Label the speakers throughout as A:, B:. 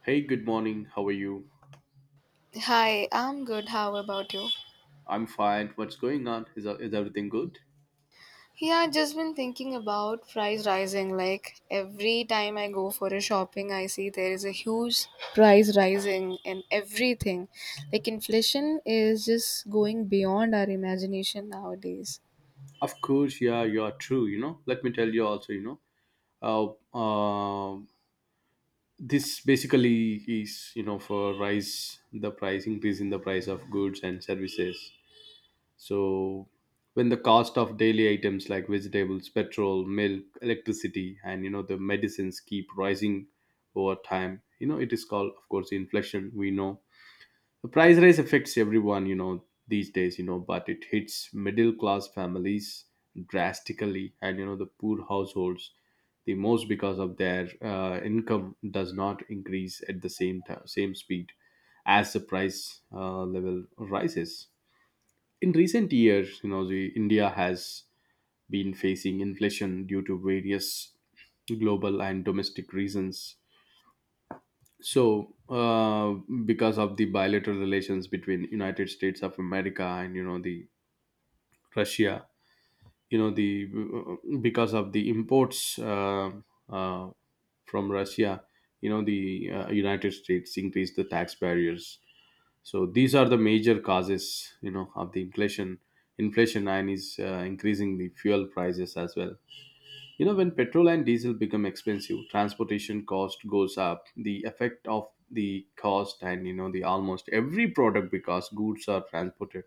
A: Hey, good morning. How are you?
B: Hi, I'm good. How about you?
A: I'm fine. What's going on? Is everything good?
B: Yeah, I just been thinking about price rising. Like every time I go for a shopping, I see there is a huge price rising in everything. Like inflation is just going beyond our imagination nowadays.
A: Of course, yeah, you are true. Let me tell you also, know, uh, um this basically is, for rise, the price increase in the price of goods and services. So, when the cost of daily items like vegetables, petrol, milk, electricity, and the medicines keep rising over time, it is called, of course, inflation. We know. The price rise affects everyone, these days, but it hits middle class families drastically and the poor households the most because of their income does not increase at the same time, same speed as the price level rises. In recent years, the India has been facing inflation due to various global and domestic reasons. So because of the bilateral relations between United States of America and the Russia, you know the because of the imports uh, from Russia, you know the United States increased the tax barriers. So these are the major causes of the inflation and is increasing the fuel prices as well. When petrol and diesel become expensive, transportation cost goes up. The effect of the cost and the almost every product because goods are transported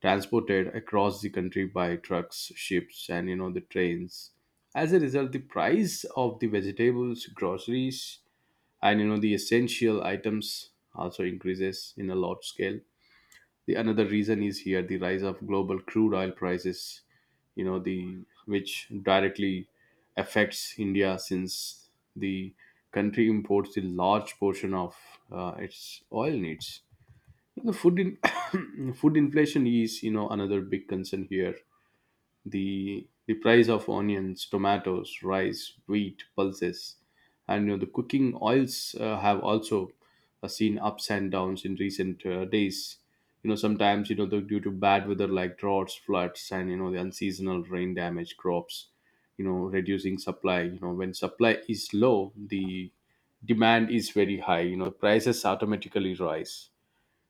A: transported across the country by trucks, ships, and the trains. As a result, the price of the vegetables, groceries, and the essential items also increases in a large scale. The another reason is here the rise of global crude oil prices, you know the which directly affects India since the country imports a large portion of its oil needs. The food in food inflation is another big concern here. The price of onions, tomatoes, rice, wheat, pulses, and the cooking oils have also seen ups and downs in recent days. Sometimes due to bad weather like droughts, floods, and the unseasonal rain damage crops. Reducing supply. When supply is low, the demand is very high. Prices automatically rise.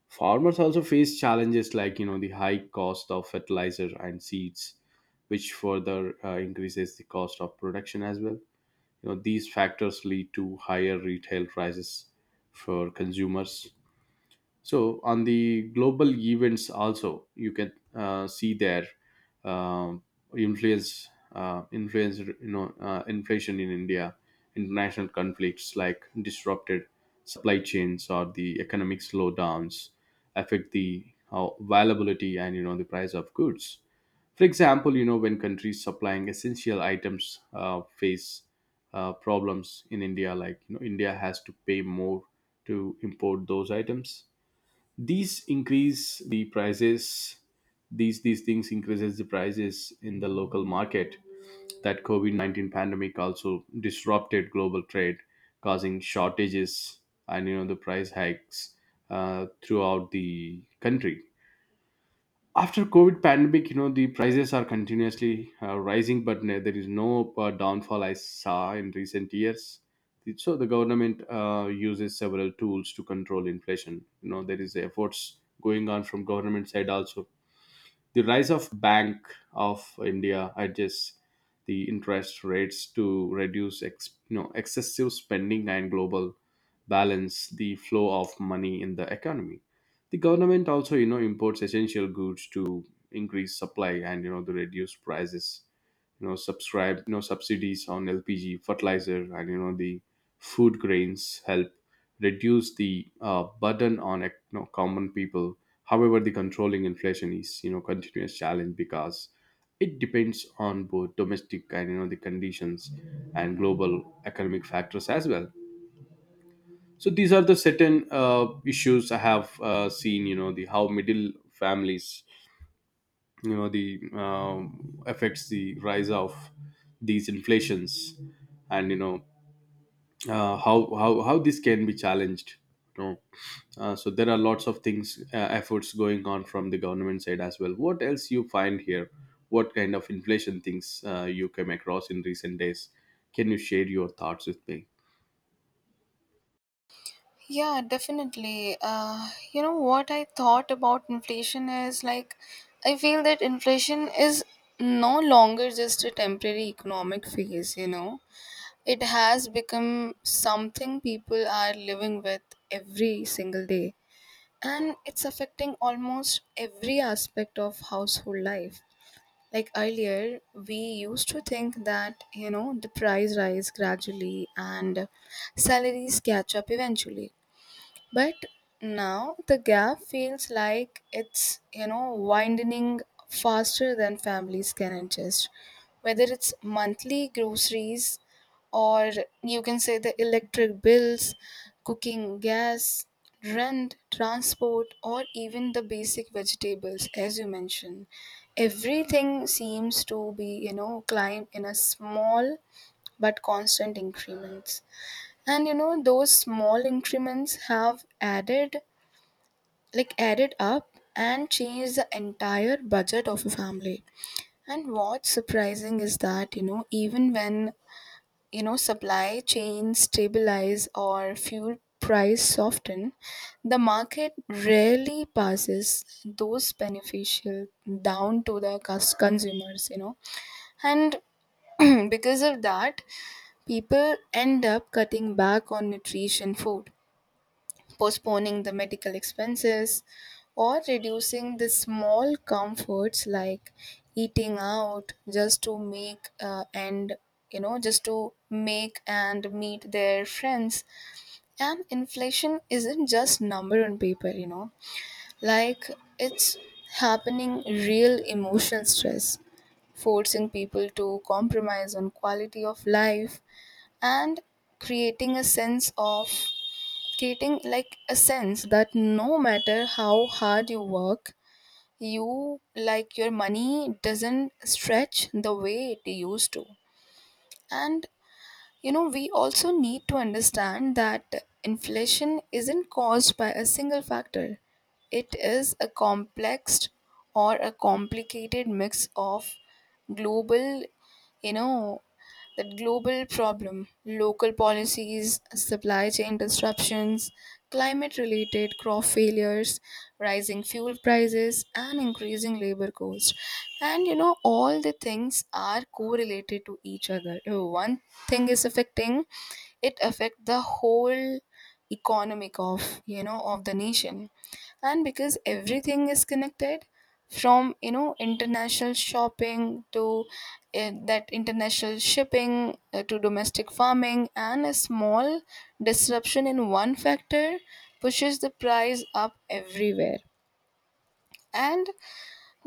A: Farmers also face challenges like the high cost of fertilizer and seeds, which further increases the cost of production as well. These factors lead to higher retail prices for consumers. So on the global events also you can see their um influence influence inflation in India. International conflicts like disrupted supply chains or the economic slowdowns affect the availability and the price of goods. For example, when countries supplying essential items face problems in India, India has to pay more to import those items. These increase the prices. These things increases the prices in the local market. That COVID-19 pandemic also disrupted global trade, causing shortages and the price hikes throughout the country. After COVID pandemic, the prices are continuously rising, but there is no downfall I saw in recent years. So the government uses several tools to control inflation, there is efforts going on from government side also. The rise of Bank of India adjusts the interest rates to reduce excessive spending and global balance the flow of money in the economy. The government also imports essential goods to increase supply and to reduce prices. You know subscribe you know subsidies on LPG fertilizer and the food grains help reduce the burden on common people. However, the controlling inflation is continuous challenge because it depends on both domestic and the conditions and global economic factors as well. So these are the certain issues I have seen. You know the how middle families you know the affects the rise of these inflations and how this can be challenged. you know so there are lots of things, efforts going on from the government side as well. What else you find here? What kind of inflation things you came across in recent days? Can you share your thoughts with me?
B: Yeah, definitely. You know what I thought about inflation is like I feel that inflation is no longer just a temporary economic phase, you know. It has become something people are living with every single day, and it's affecting almost every aspect of household life. Like earlier, we used to think that you know the price rise gradually and salaries catch up eventually. But now the gap feels like it's, you know, widening faster than families can adjust. Whether it's monthly groceries or you can say the electric bills, cooking gas, rent, transport, or even the basic vegetables, as you mentioned. Everything seems to be, you know, climb in a small but constant increments, and you know those small increments have added up and changed the entire budget of a family. And what's surprising is that you know even when you know supply chains stabilize or fuel price soften, the market rarely passes those beneficial down to the consumers, you know. And because of that, people end up cutting back on nutrition food, postponing the medical expenses, or reducing the small comforts like eating out just to make and you know just to make and meet their friends. And inflation isn't just number on paper, you know, like it's happening real emotional stress, forcing people to compromise on quality of life, and creating a sense of treating, like a sense that no matter how hard you work, you like your money doesn't stretch the way it used to. And you know we also need to understand that inflation isn't caused by a single factor. It is a complex or a complicated mix of global, you know, that global problem, local policies, supply chain disruptions, climate related crop failures, rising fuel prices, and increasing labor costs. And you know, all the things are correlated to each other. If one thing is affecting, it affect the whole economic of you know of the nation. And because everything is connected, from you know international shopping to that international shipping to domestic farming, and a small disruption in one factor pushes the price up everywhere. And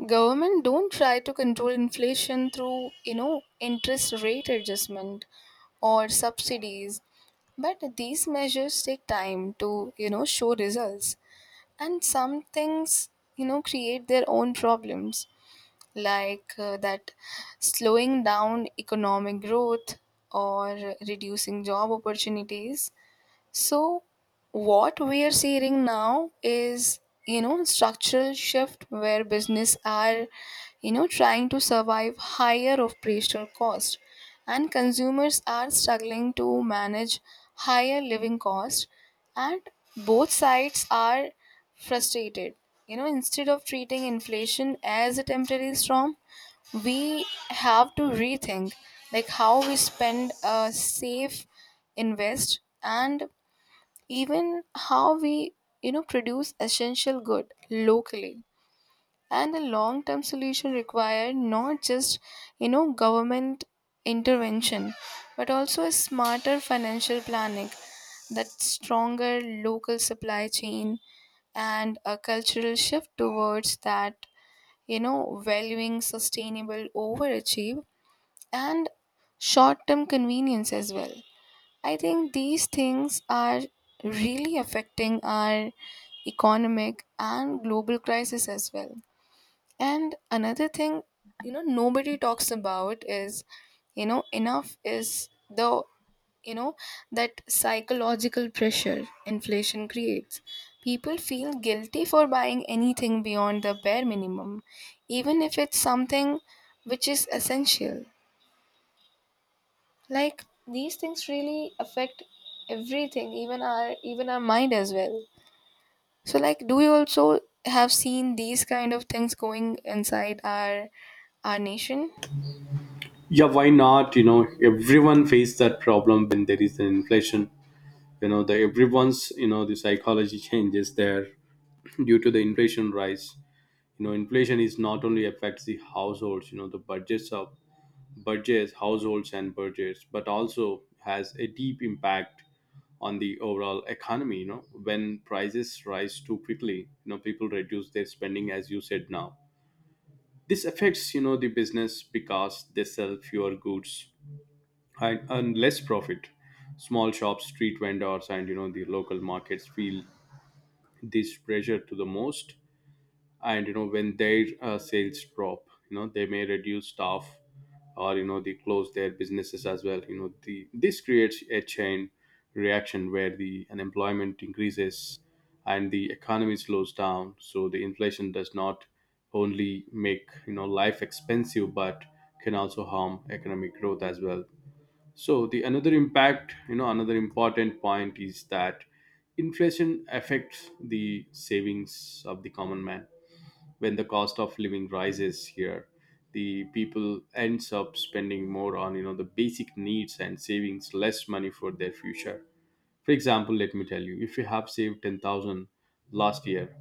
B: government don't try to control inflation through you know interest rate adjustment or subsidies, but these measures take time to you know show results, and some things you know create their own problems, like that slowing down economic growth or reducing job opportunities. So, what we are seeing now is, you know, structural shift where business are, you know, trying to survive higher operational cost, and consumers are struggling to manage higher living costs, and both sides are frustrated. You know, instead of treating inflation as a temporary storm, we have to rethink like how we spend, save, invest, and even how we you know produce essential good locally. And a long term solution require not just you know government intervention, but also a smarter financial planning, that stronger local supply chain, and a cultural shift towards that you know valuing sustainable overachieve and short term convenience as well. I think these things are really affecting our economic and global crisis as well. And another thing, you know, nobody talks about is, you know, enough is the, you know, that psychological pressure inflation creates. People feel guilty for buying anything beyond the bare minimum, even if it's something which is essential. Like these things really affect everything, even our mind as well. So like do you also have seen these kind of things going inside our nation?
A: Yeah, why not? Everyone face that problem when there is an inflation. You know the Everyone's you know the psychology changes there due to the inflation rise. Inflation is not only affects the households, you know the budgets, households, and budgets, but also has a deep impact on the overall economy. When prices rise too quickly, people reduce their spending, as you said now. This affects, the business because they sell fewer goods and earn less profit. Small shops, street vendors, and the local markets feel this pressure to the most. And when their sales drop, they may reduce staff or they close their businesses as well. You know the This creates a chain reaction where the unemployment increases and the economy slows down, so the inflation does not only make life expensive but can also harm economic growth as well. So the another impact, another important point is that inflation affects the savings of the common man. When the cost of living rises here, the people ends up spending more on the basic needs and savings less money for their future. For example, let me tell you, if you have saved 10,000 last year,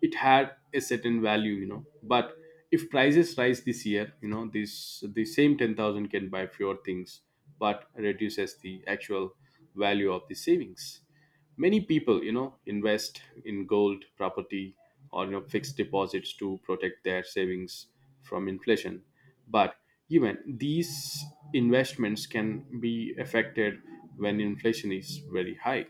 A: it had a certain value, but if prices rise this year, this the same 10,000 can buy fewer things but reduces the actual value of the savings. Many people invest in gold property or fixed deposits to protect their savings from inflation. But even these investments can be affected when inflation is very high.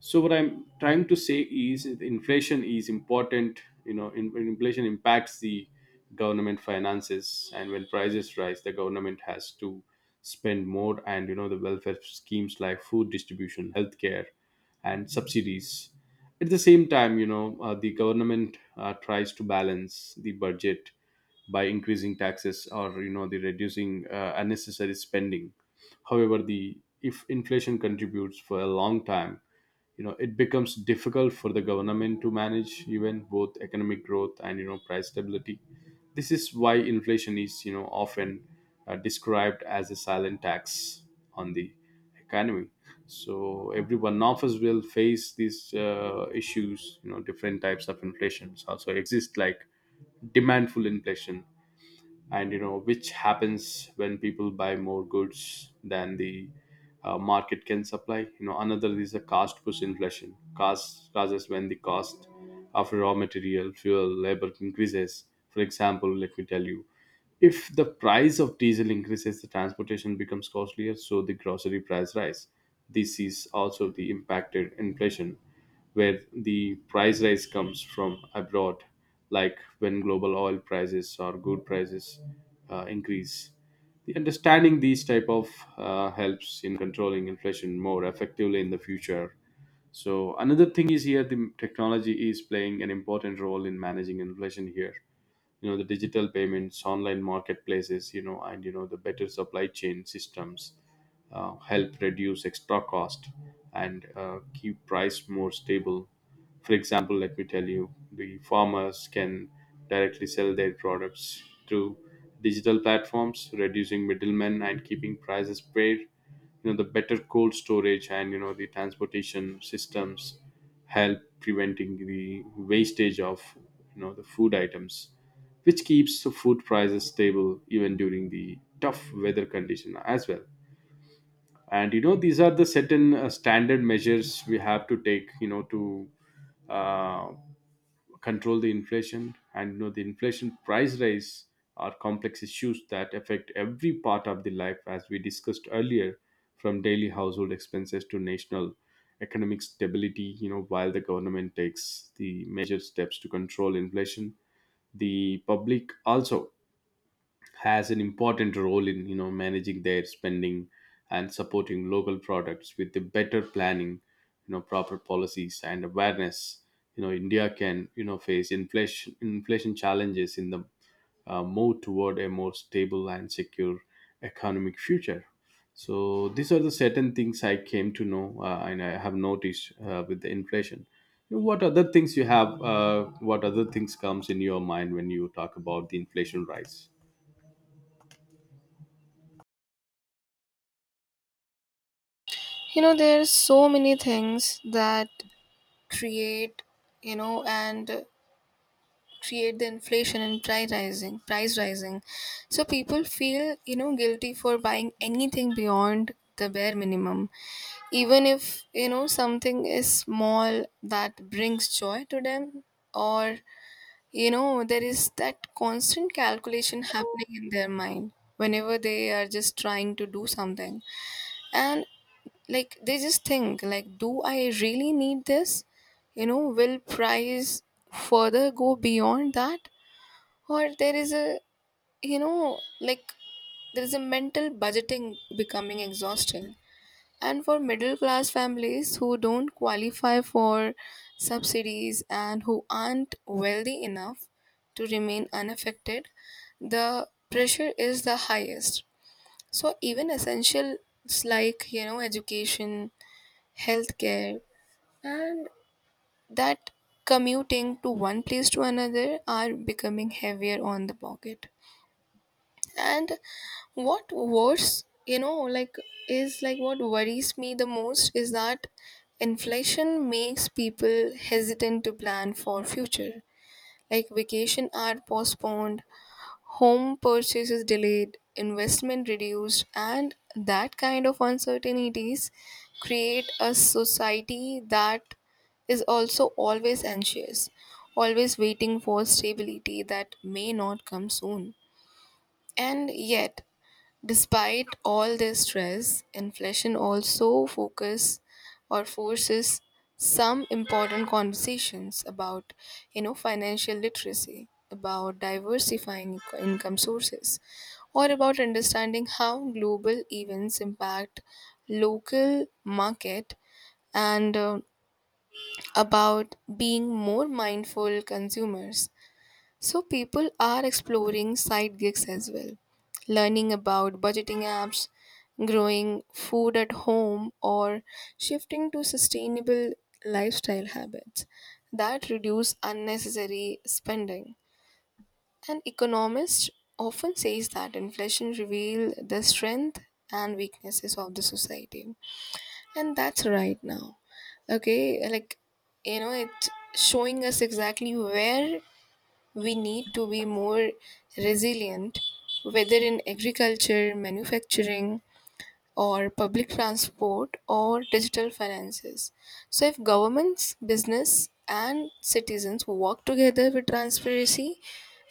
A: So what I'm trying to say is that inflation is important, when inflation impacts the government finances. And when prices rise, the government has to spend more and the welfare schemes like food distribution, healthcare, and subsidies. At the same time, the government tries to balance the budget by increasing taxes or you know the reducing unnecessary spending. However, the if inflation contributes for a long time, it becomes difficult for the government to manage even both economic growth and price stability. This is why inflation is often described as a silent tax on the economy. So every one of us will face these issues. Different types of inflations also exist like demandful inflation, and which happens when people buy more goods than the market can supply. Another is the cost push inflation cost causes when the cost of raw material, fuel, labor increases. For example, let me tell you, if the price of diesel increases, the transportation becomes costlier, so the grocery price rise. This is also the impacted inflation, where the price rise comes from abroad, like when global oil prices or good prices increase. The understanding these type of helps in controlling inflation more effectively in the future. So another thing is here the technology is playing an important role in managing inflation here. You know the Digital payments, online marketplaces, and the better supply chain systems help reduce extra cost and keep price more stable. For example, let me tell you, the farmers can directly sell their products through digital platforms, reducing middlemen and keeping prices fair. You know the Better cold storage and the transportation systems help preventing the wastage of the food items, which keeps the food prices stable even during the tough weather condition as well. And these are the certain standard measures we have to take to uh, control the inflation and the inflation price rise are complex issues that affect every part of the life, as we discussed earlier, from daily household expenses to national economic stability. While the government takes the major steps to control inflation, the public also has an important role in managing their spending and supporting local products with the better planning, proper policies and awareness. India can face inflation challenges in the move toward a more stable and secure economic future. So these are the certain things I came to know, and I have noticed, with the inflation. what other things you have uh, what other things comes in your mind when you talk about the inflation rise?
B: You know, there's so many things that create, you know, and create the inflation and price rising. So people feel you know guilty for buying anything beyond the bare minimum, even if you know something is small that brings joy to them, or you know there is that constant calculation happening in their mind whenever they are just trying to do something. And like they just think like do I really need this, you know will price further go beyond that, or there is a, you know, like there is a mental budgeting becoming exhausting. And for middle class families who don't qualify for subsidies and who aren't wealthy enough to remain unaffected, the pressure is the highest. So even essentials like you know education, healthcare, and that commuting to one place to another are becoming heavier on the pocket. And what worse you know like is like what worries me the most is that inflation makes people hesitant to plan for future. Like vacation are postponed, home purchases delayed, investment reduced, and that kind of uncertainties create a society that is also always anxious, always waiting for stability that may not come soon. And yet despite all this stress, inflation also focus or forces some important conversations about you know financial literacy, about diversifying income sources, or about understanding how global events impact local market, and about being more mindful consumers. So people are exploring side gigs as well, learning about budgeting apps, growing food at home, or shifting to sustainable lifestyle habits that reduce unnecessary spending. An economist often says that inflation reveals the strength and weaknesses of the society. And that's right now. Okay, like you know, it's showing us exactly where we need to be more resilient, whether in agriculture, manufacturing, or public transport, or digital finances. So, if governments, business, and citizens work together with transparency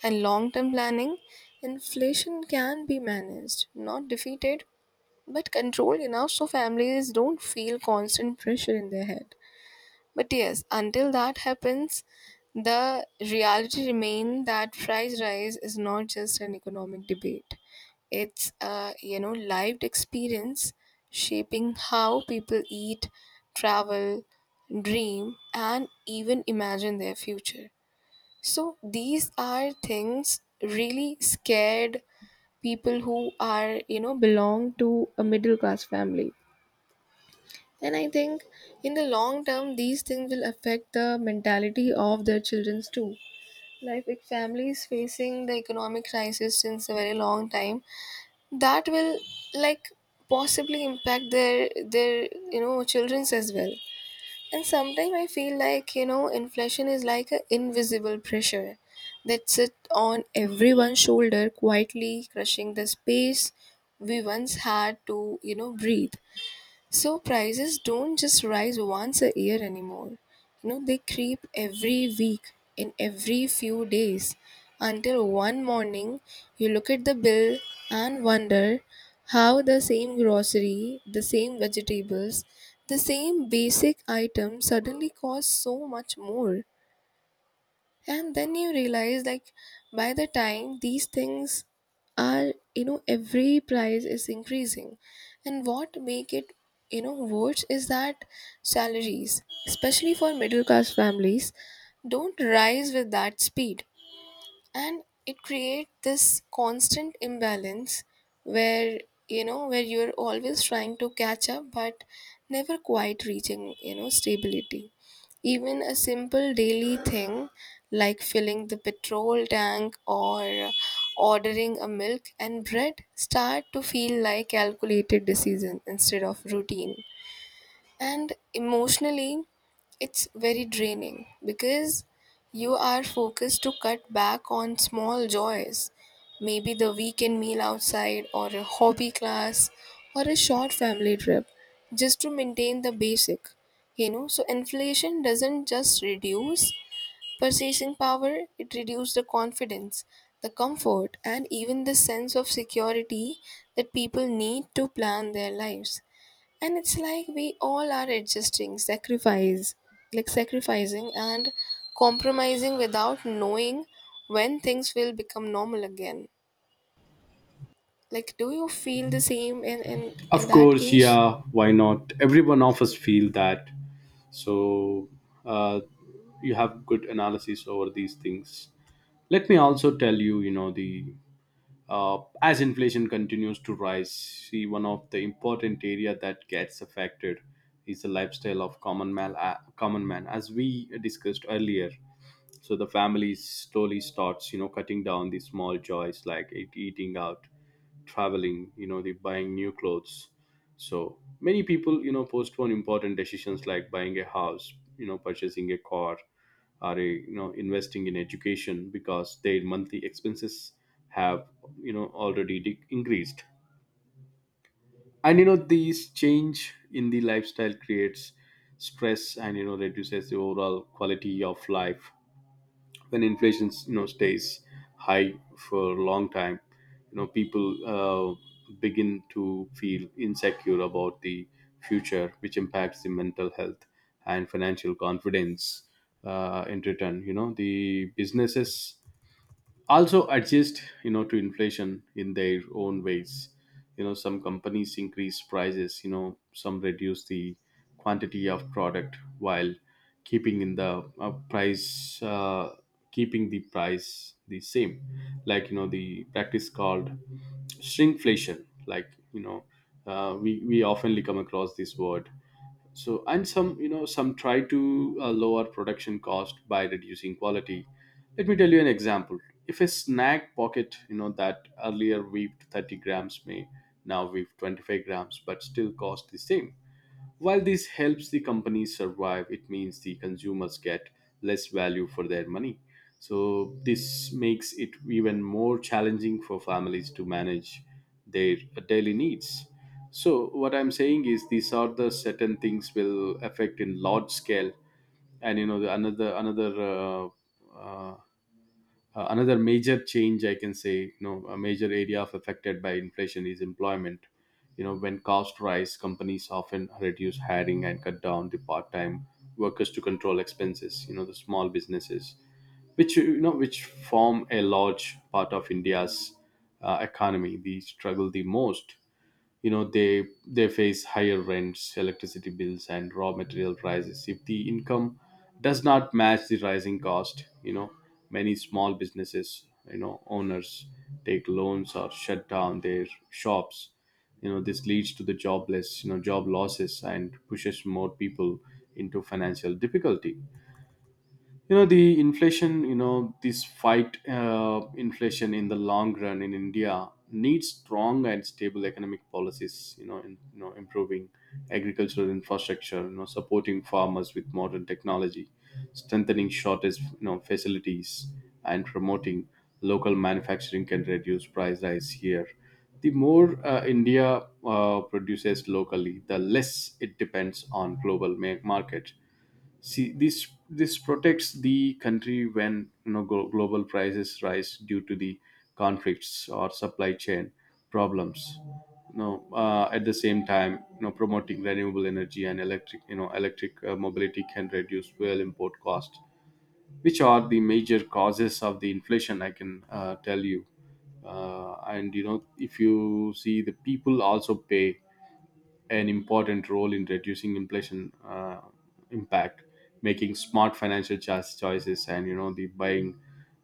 B: and long term planning, inflation can be managed, not defeated, but controlled enough so families don't feel constant pressure in their head. But yes, until that happens, the reality remains that price rise is not just an economic debate. It's a you know lived experience, shaping how people eat, travel, dream, and even imagine their future. So these are things really scared people who are you know belong to a middle class family. And I think in the long term, these things will affect the mentality of their children too. Like with families facing the economic crisis since a very long time, that will like possibly impact their you know children's as well. And sometimes I feel like you know inflation is like an invisible pressure that sit on everyone's shoulder, quietly crushing the space we once had to you know breathe. So prices don't just rise once a year anymore. You know, they creep every week in every few days, until one morning you look at the bill and wonder how the same grocery, the same vegetables, the same basic item suddenly costs so much more. And then you realize like by the time these things are you know every price is increasing. And what make it you know worse is that salaries, especially for middle class families, don't rise with that speed. And it creates this constant imbalance where you know where you're always trying to catch up but never quite reaching you know stability. Even a simple daily thing like filling the petrol tank or ordering a milk and bread start to feel like calculated decision instead of routine. And emotionally it's very draining because you are focused to cut back on small joys, maybe the weekend meal outside or a hobby class or a short family trip, just to maintain the basic, you know. So inflation doesn't just reduce purchasing power, it reduces the confidence, the comfort, and even the sense of security that people need to plan their lives. And it's like we all are adjusting sacrifice like sacrificing and compromising without knowing when things will become normal again. Like do you feel the same in
A: Of
B: that
A: course,
B: case?
A: yeah. Why not? Everyone of us feel that. So uh, you have good analysis over these things. Let me also tell you, the as inflation continues to rise, see one of the important area that gets affected is the lifestyle of common man. Common man, as we discussed earlier, so the family slowly starts cutting down the small joys like eating out, traveling, the buying new clothes. So many people postpone important decisions like buying a house, purchasing a car, or a, investing in education, because their monthly expenses have already increased. And these change in the lifestyle creates stress and reduces the overall quality of life. When inflation stays high for a long time, people begin to feel insecure about the future, which impacts the mental health and financial confidence. In return, the businesses also adjust, to inflation in their own ways. Some companies increase prices, some reduce the quantity of product while keeping in the price keeping the price the same, like the practice called shrinkflation. We oftenly come across this word. So and some, some, try to lower production cost by reducing quality. Let me tell you an example. If a snack pocket that earlier weaved 30 grams may now weave 25 grams but still cost the same. While this helps the companies survive, it means the consumers get less value for their money. So this makes it even more challenging for families to manage their daily needs. So what I'm saying is these are the certain things will affect in large scale. And you know, the uh, another major change I can say, a major area of affected by inflation, is employment. When costs rise, companies often reduce hiring and cut down the part-time workers to control expenses. The small businesses which which form a large part of India's economy, they struggle the most. They face higher rents, electricity bills, and raw material prices. If the income does not match the rising cost, many small businesses, owners take loans or shut down their shops. This leads to the jobless you know job losses and pushes more people into financial difficulty. You know the inflation you know this fight inflation in the long run in India needs strong and stable economic policies, in, improving agricultural infrastructure, supporting farmers with modern technology, strengthening shortage facilities, and promoting local manufacturing can reduce price rise here. The more India produces locally, the less it depends on global market. See, this protects the country when global prices rise due to the conflicts or supply chain problems. At the same time, promoting renewable energy and electric you know electric mobility can reduce fuel import cost, which are the major causes of the inflation I can tell you. Uh, and if you see, the people also pay an important role in reducing inflation impact, making smart financial choices, and the buying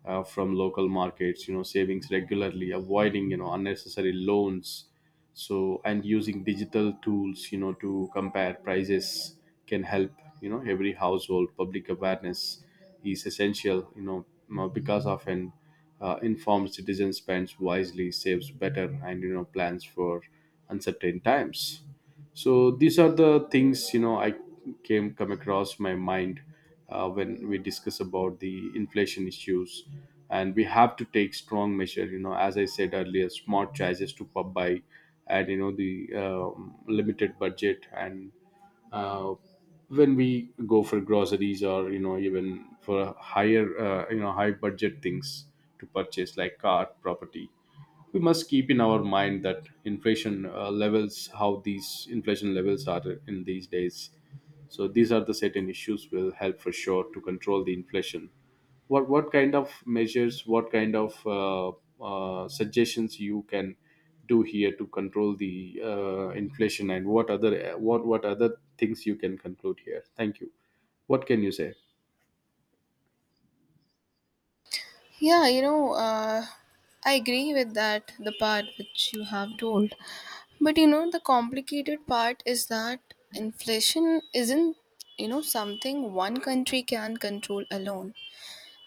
A: from local markets, savings regularly, avoiding unnecessary loans. So and using digital tools, to compare prices can help. Every household public awareness is essential. Because often informed citizen spends wisely, saves better, and plans for uncertain times. So these are the things, I came come across my mind when we discuss about the inflation issues. And we have to take strong measure, as I said earlier, smart choices to pub by, and you know the limited budget and uh, when we go for groceries or even for a higher high budget things to purchase like car, property, we must keep in our mind that inflation levels, how these inflation levels are in these days. So these are the certain issues will help for sure to control the inflation. What kind of measures, what kind of suggestions you can do here to control the inflation, and what other things you can conclude here? Thank you. What can you say?
B: Yeah, you know, I agree with that the part which you have told, but you know the complicated part is that inflation isn't you know something one country can control alone.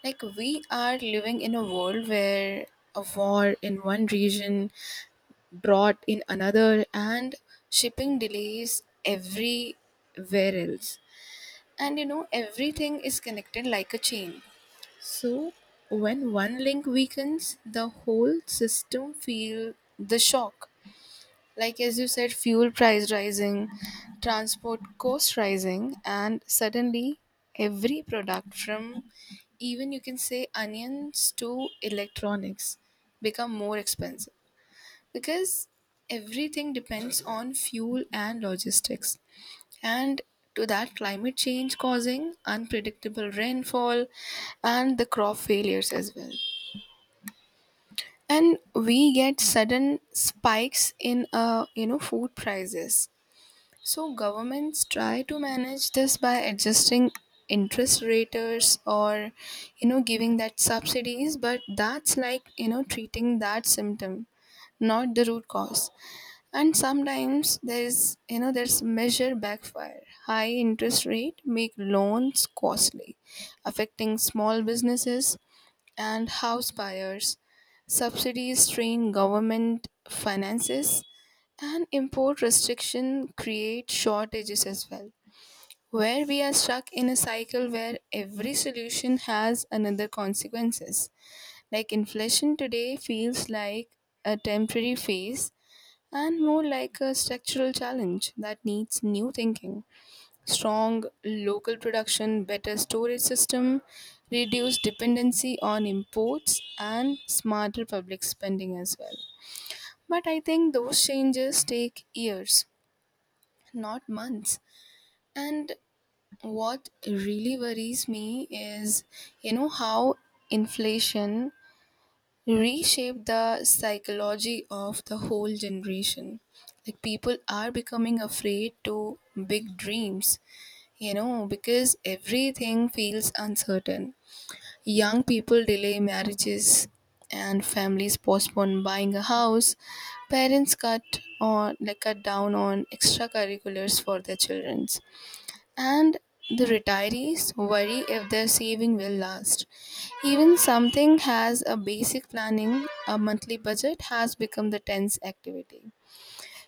B: Like, we are living in a world where a war in one region, brought in another, and shipping delays everywhere else. And you know, everything is connected like a chain. So, when one link weakens, the whole system feel the shock. Like as you said, fuel price rising, transport cost rising, and suddenly every product from even you can say onions to electronics become more expensive, because everything depends on fuel and logistics. And to that, climate change causing unpredictable rainfall and the crop failures as well. And we get sudden spikes in you know food prices. So governments try to manage this by adjusting interest rates or you know giving that subsidies, but that's like you know treating that symptom, not the root cause. And sometimes there is you know there's measure backfire, high interest rate make loans costly, affecting small businesses and house buyers. Subsidies strain government finances, and import restriction create shortages as well. Where we are stuck in a cycle where every solution has another consequences. Like inflation today feels like a temporary phase and more like a structural challenge that needs new thinking. Strong local production, better storage system, reduced dependency on imports, and smarter public spending as well. But I think those changes take years, not months. And what really worries me is, you know, how inflation reshaped the psychology of the whole generation. Like people are becoming afraid to big dreams, you know, because everything feels uncertain. Young people delay marriages and families postpone buying a house. Parents cut on like cut down on extracurriculars for their children. And the retirees worry if their saving will last. Even something has a basic planning, a monthly budget has become the tense activity.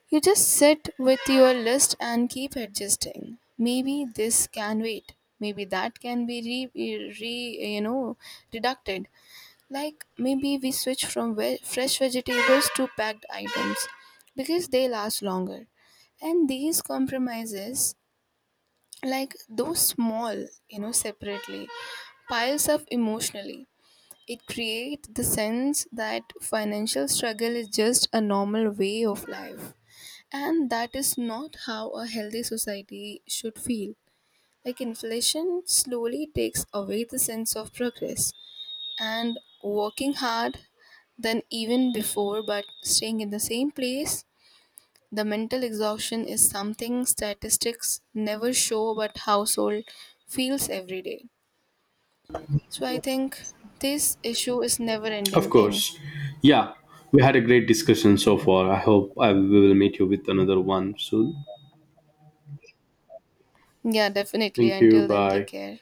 B: You just sit with your list and keep adjusting. Maybe this can wait. Maybe that can be re, e, re you know reducted. Like maybe we switch from fresh vegetables to packed items because they last longer. And these compromises, like those small, you know, separately, piles up emotionally. It creates the sense that financial struggle is just a normal way of life. And that is not how a healthy society should feel. Like inflation slowly takes away the sense of progress and working hard than even before, but staying in the same place. The mental exhaustion is something statistics never show, but household feels every day. So I think this issue is never
A: Of
B: ending thing.
A: course, yeah. We had a great discussion so far. I hope I will meet you with another one soon.
B: Yeah, definitely.
A: Thank you.
B: Until then, take
A: Bye.
B: care.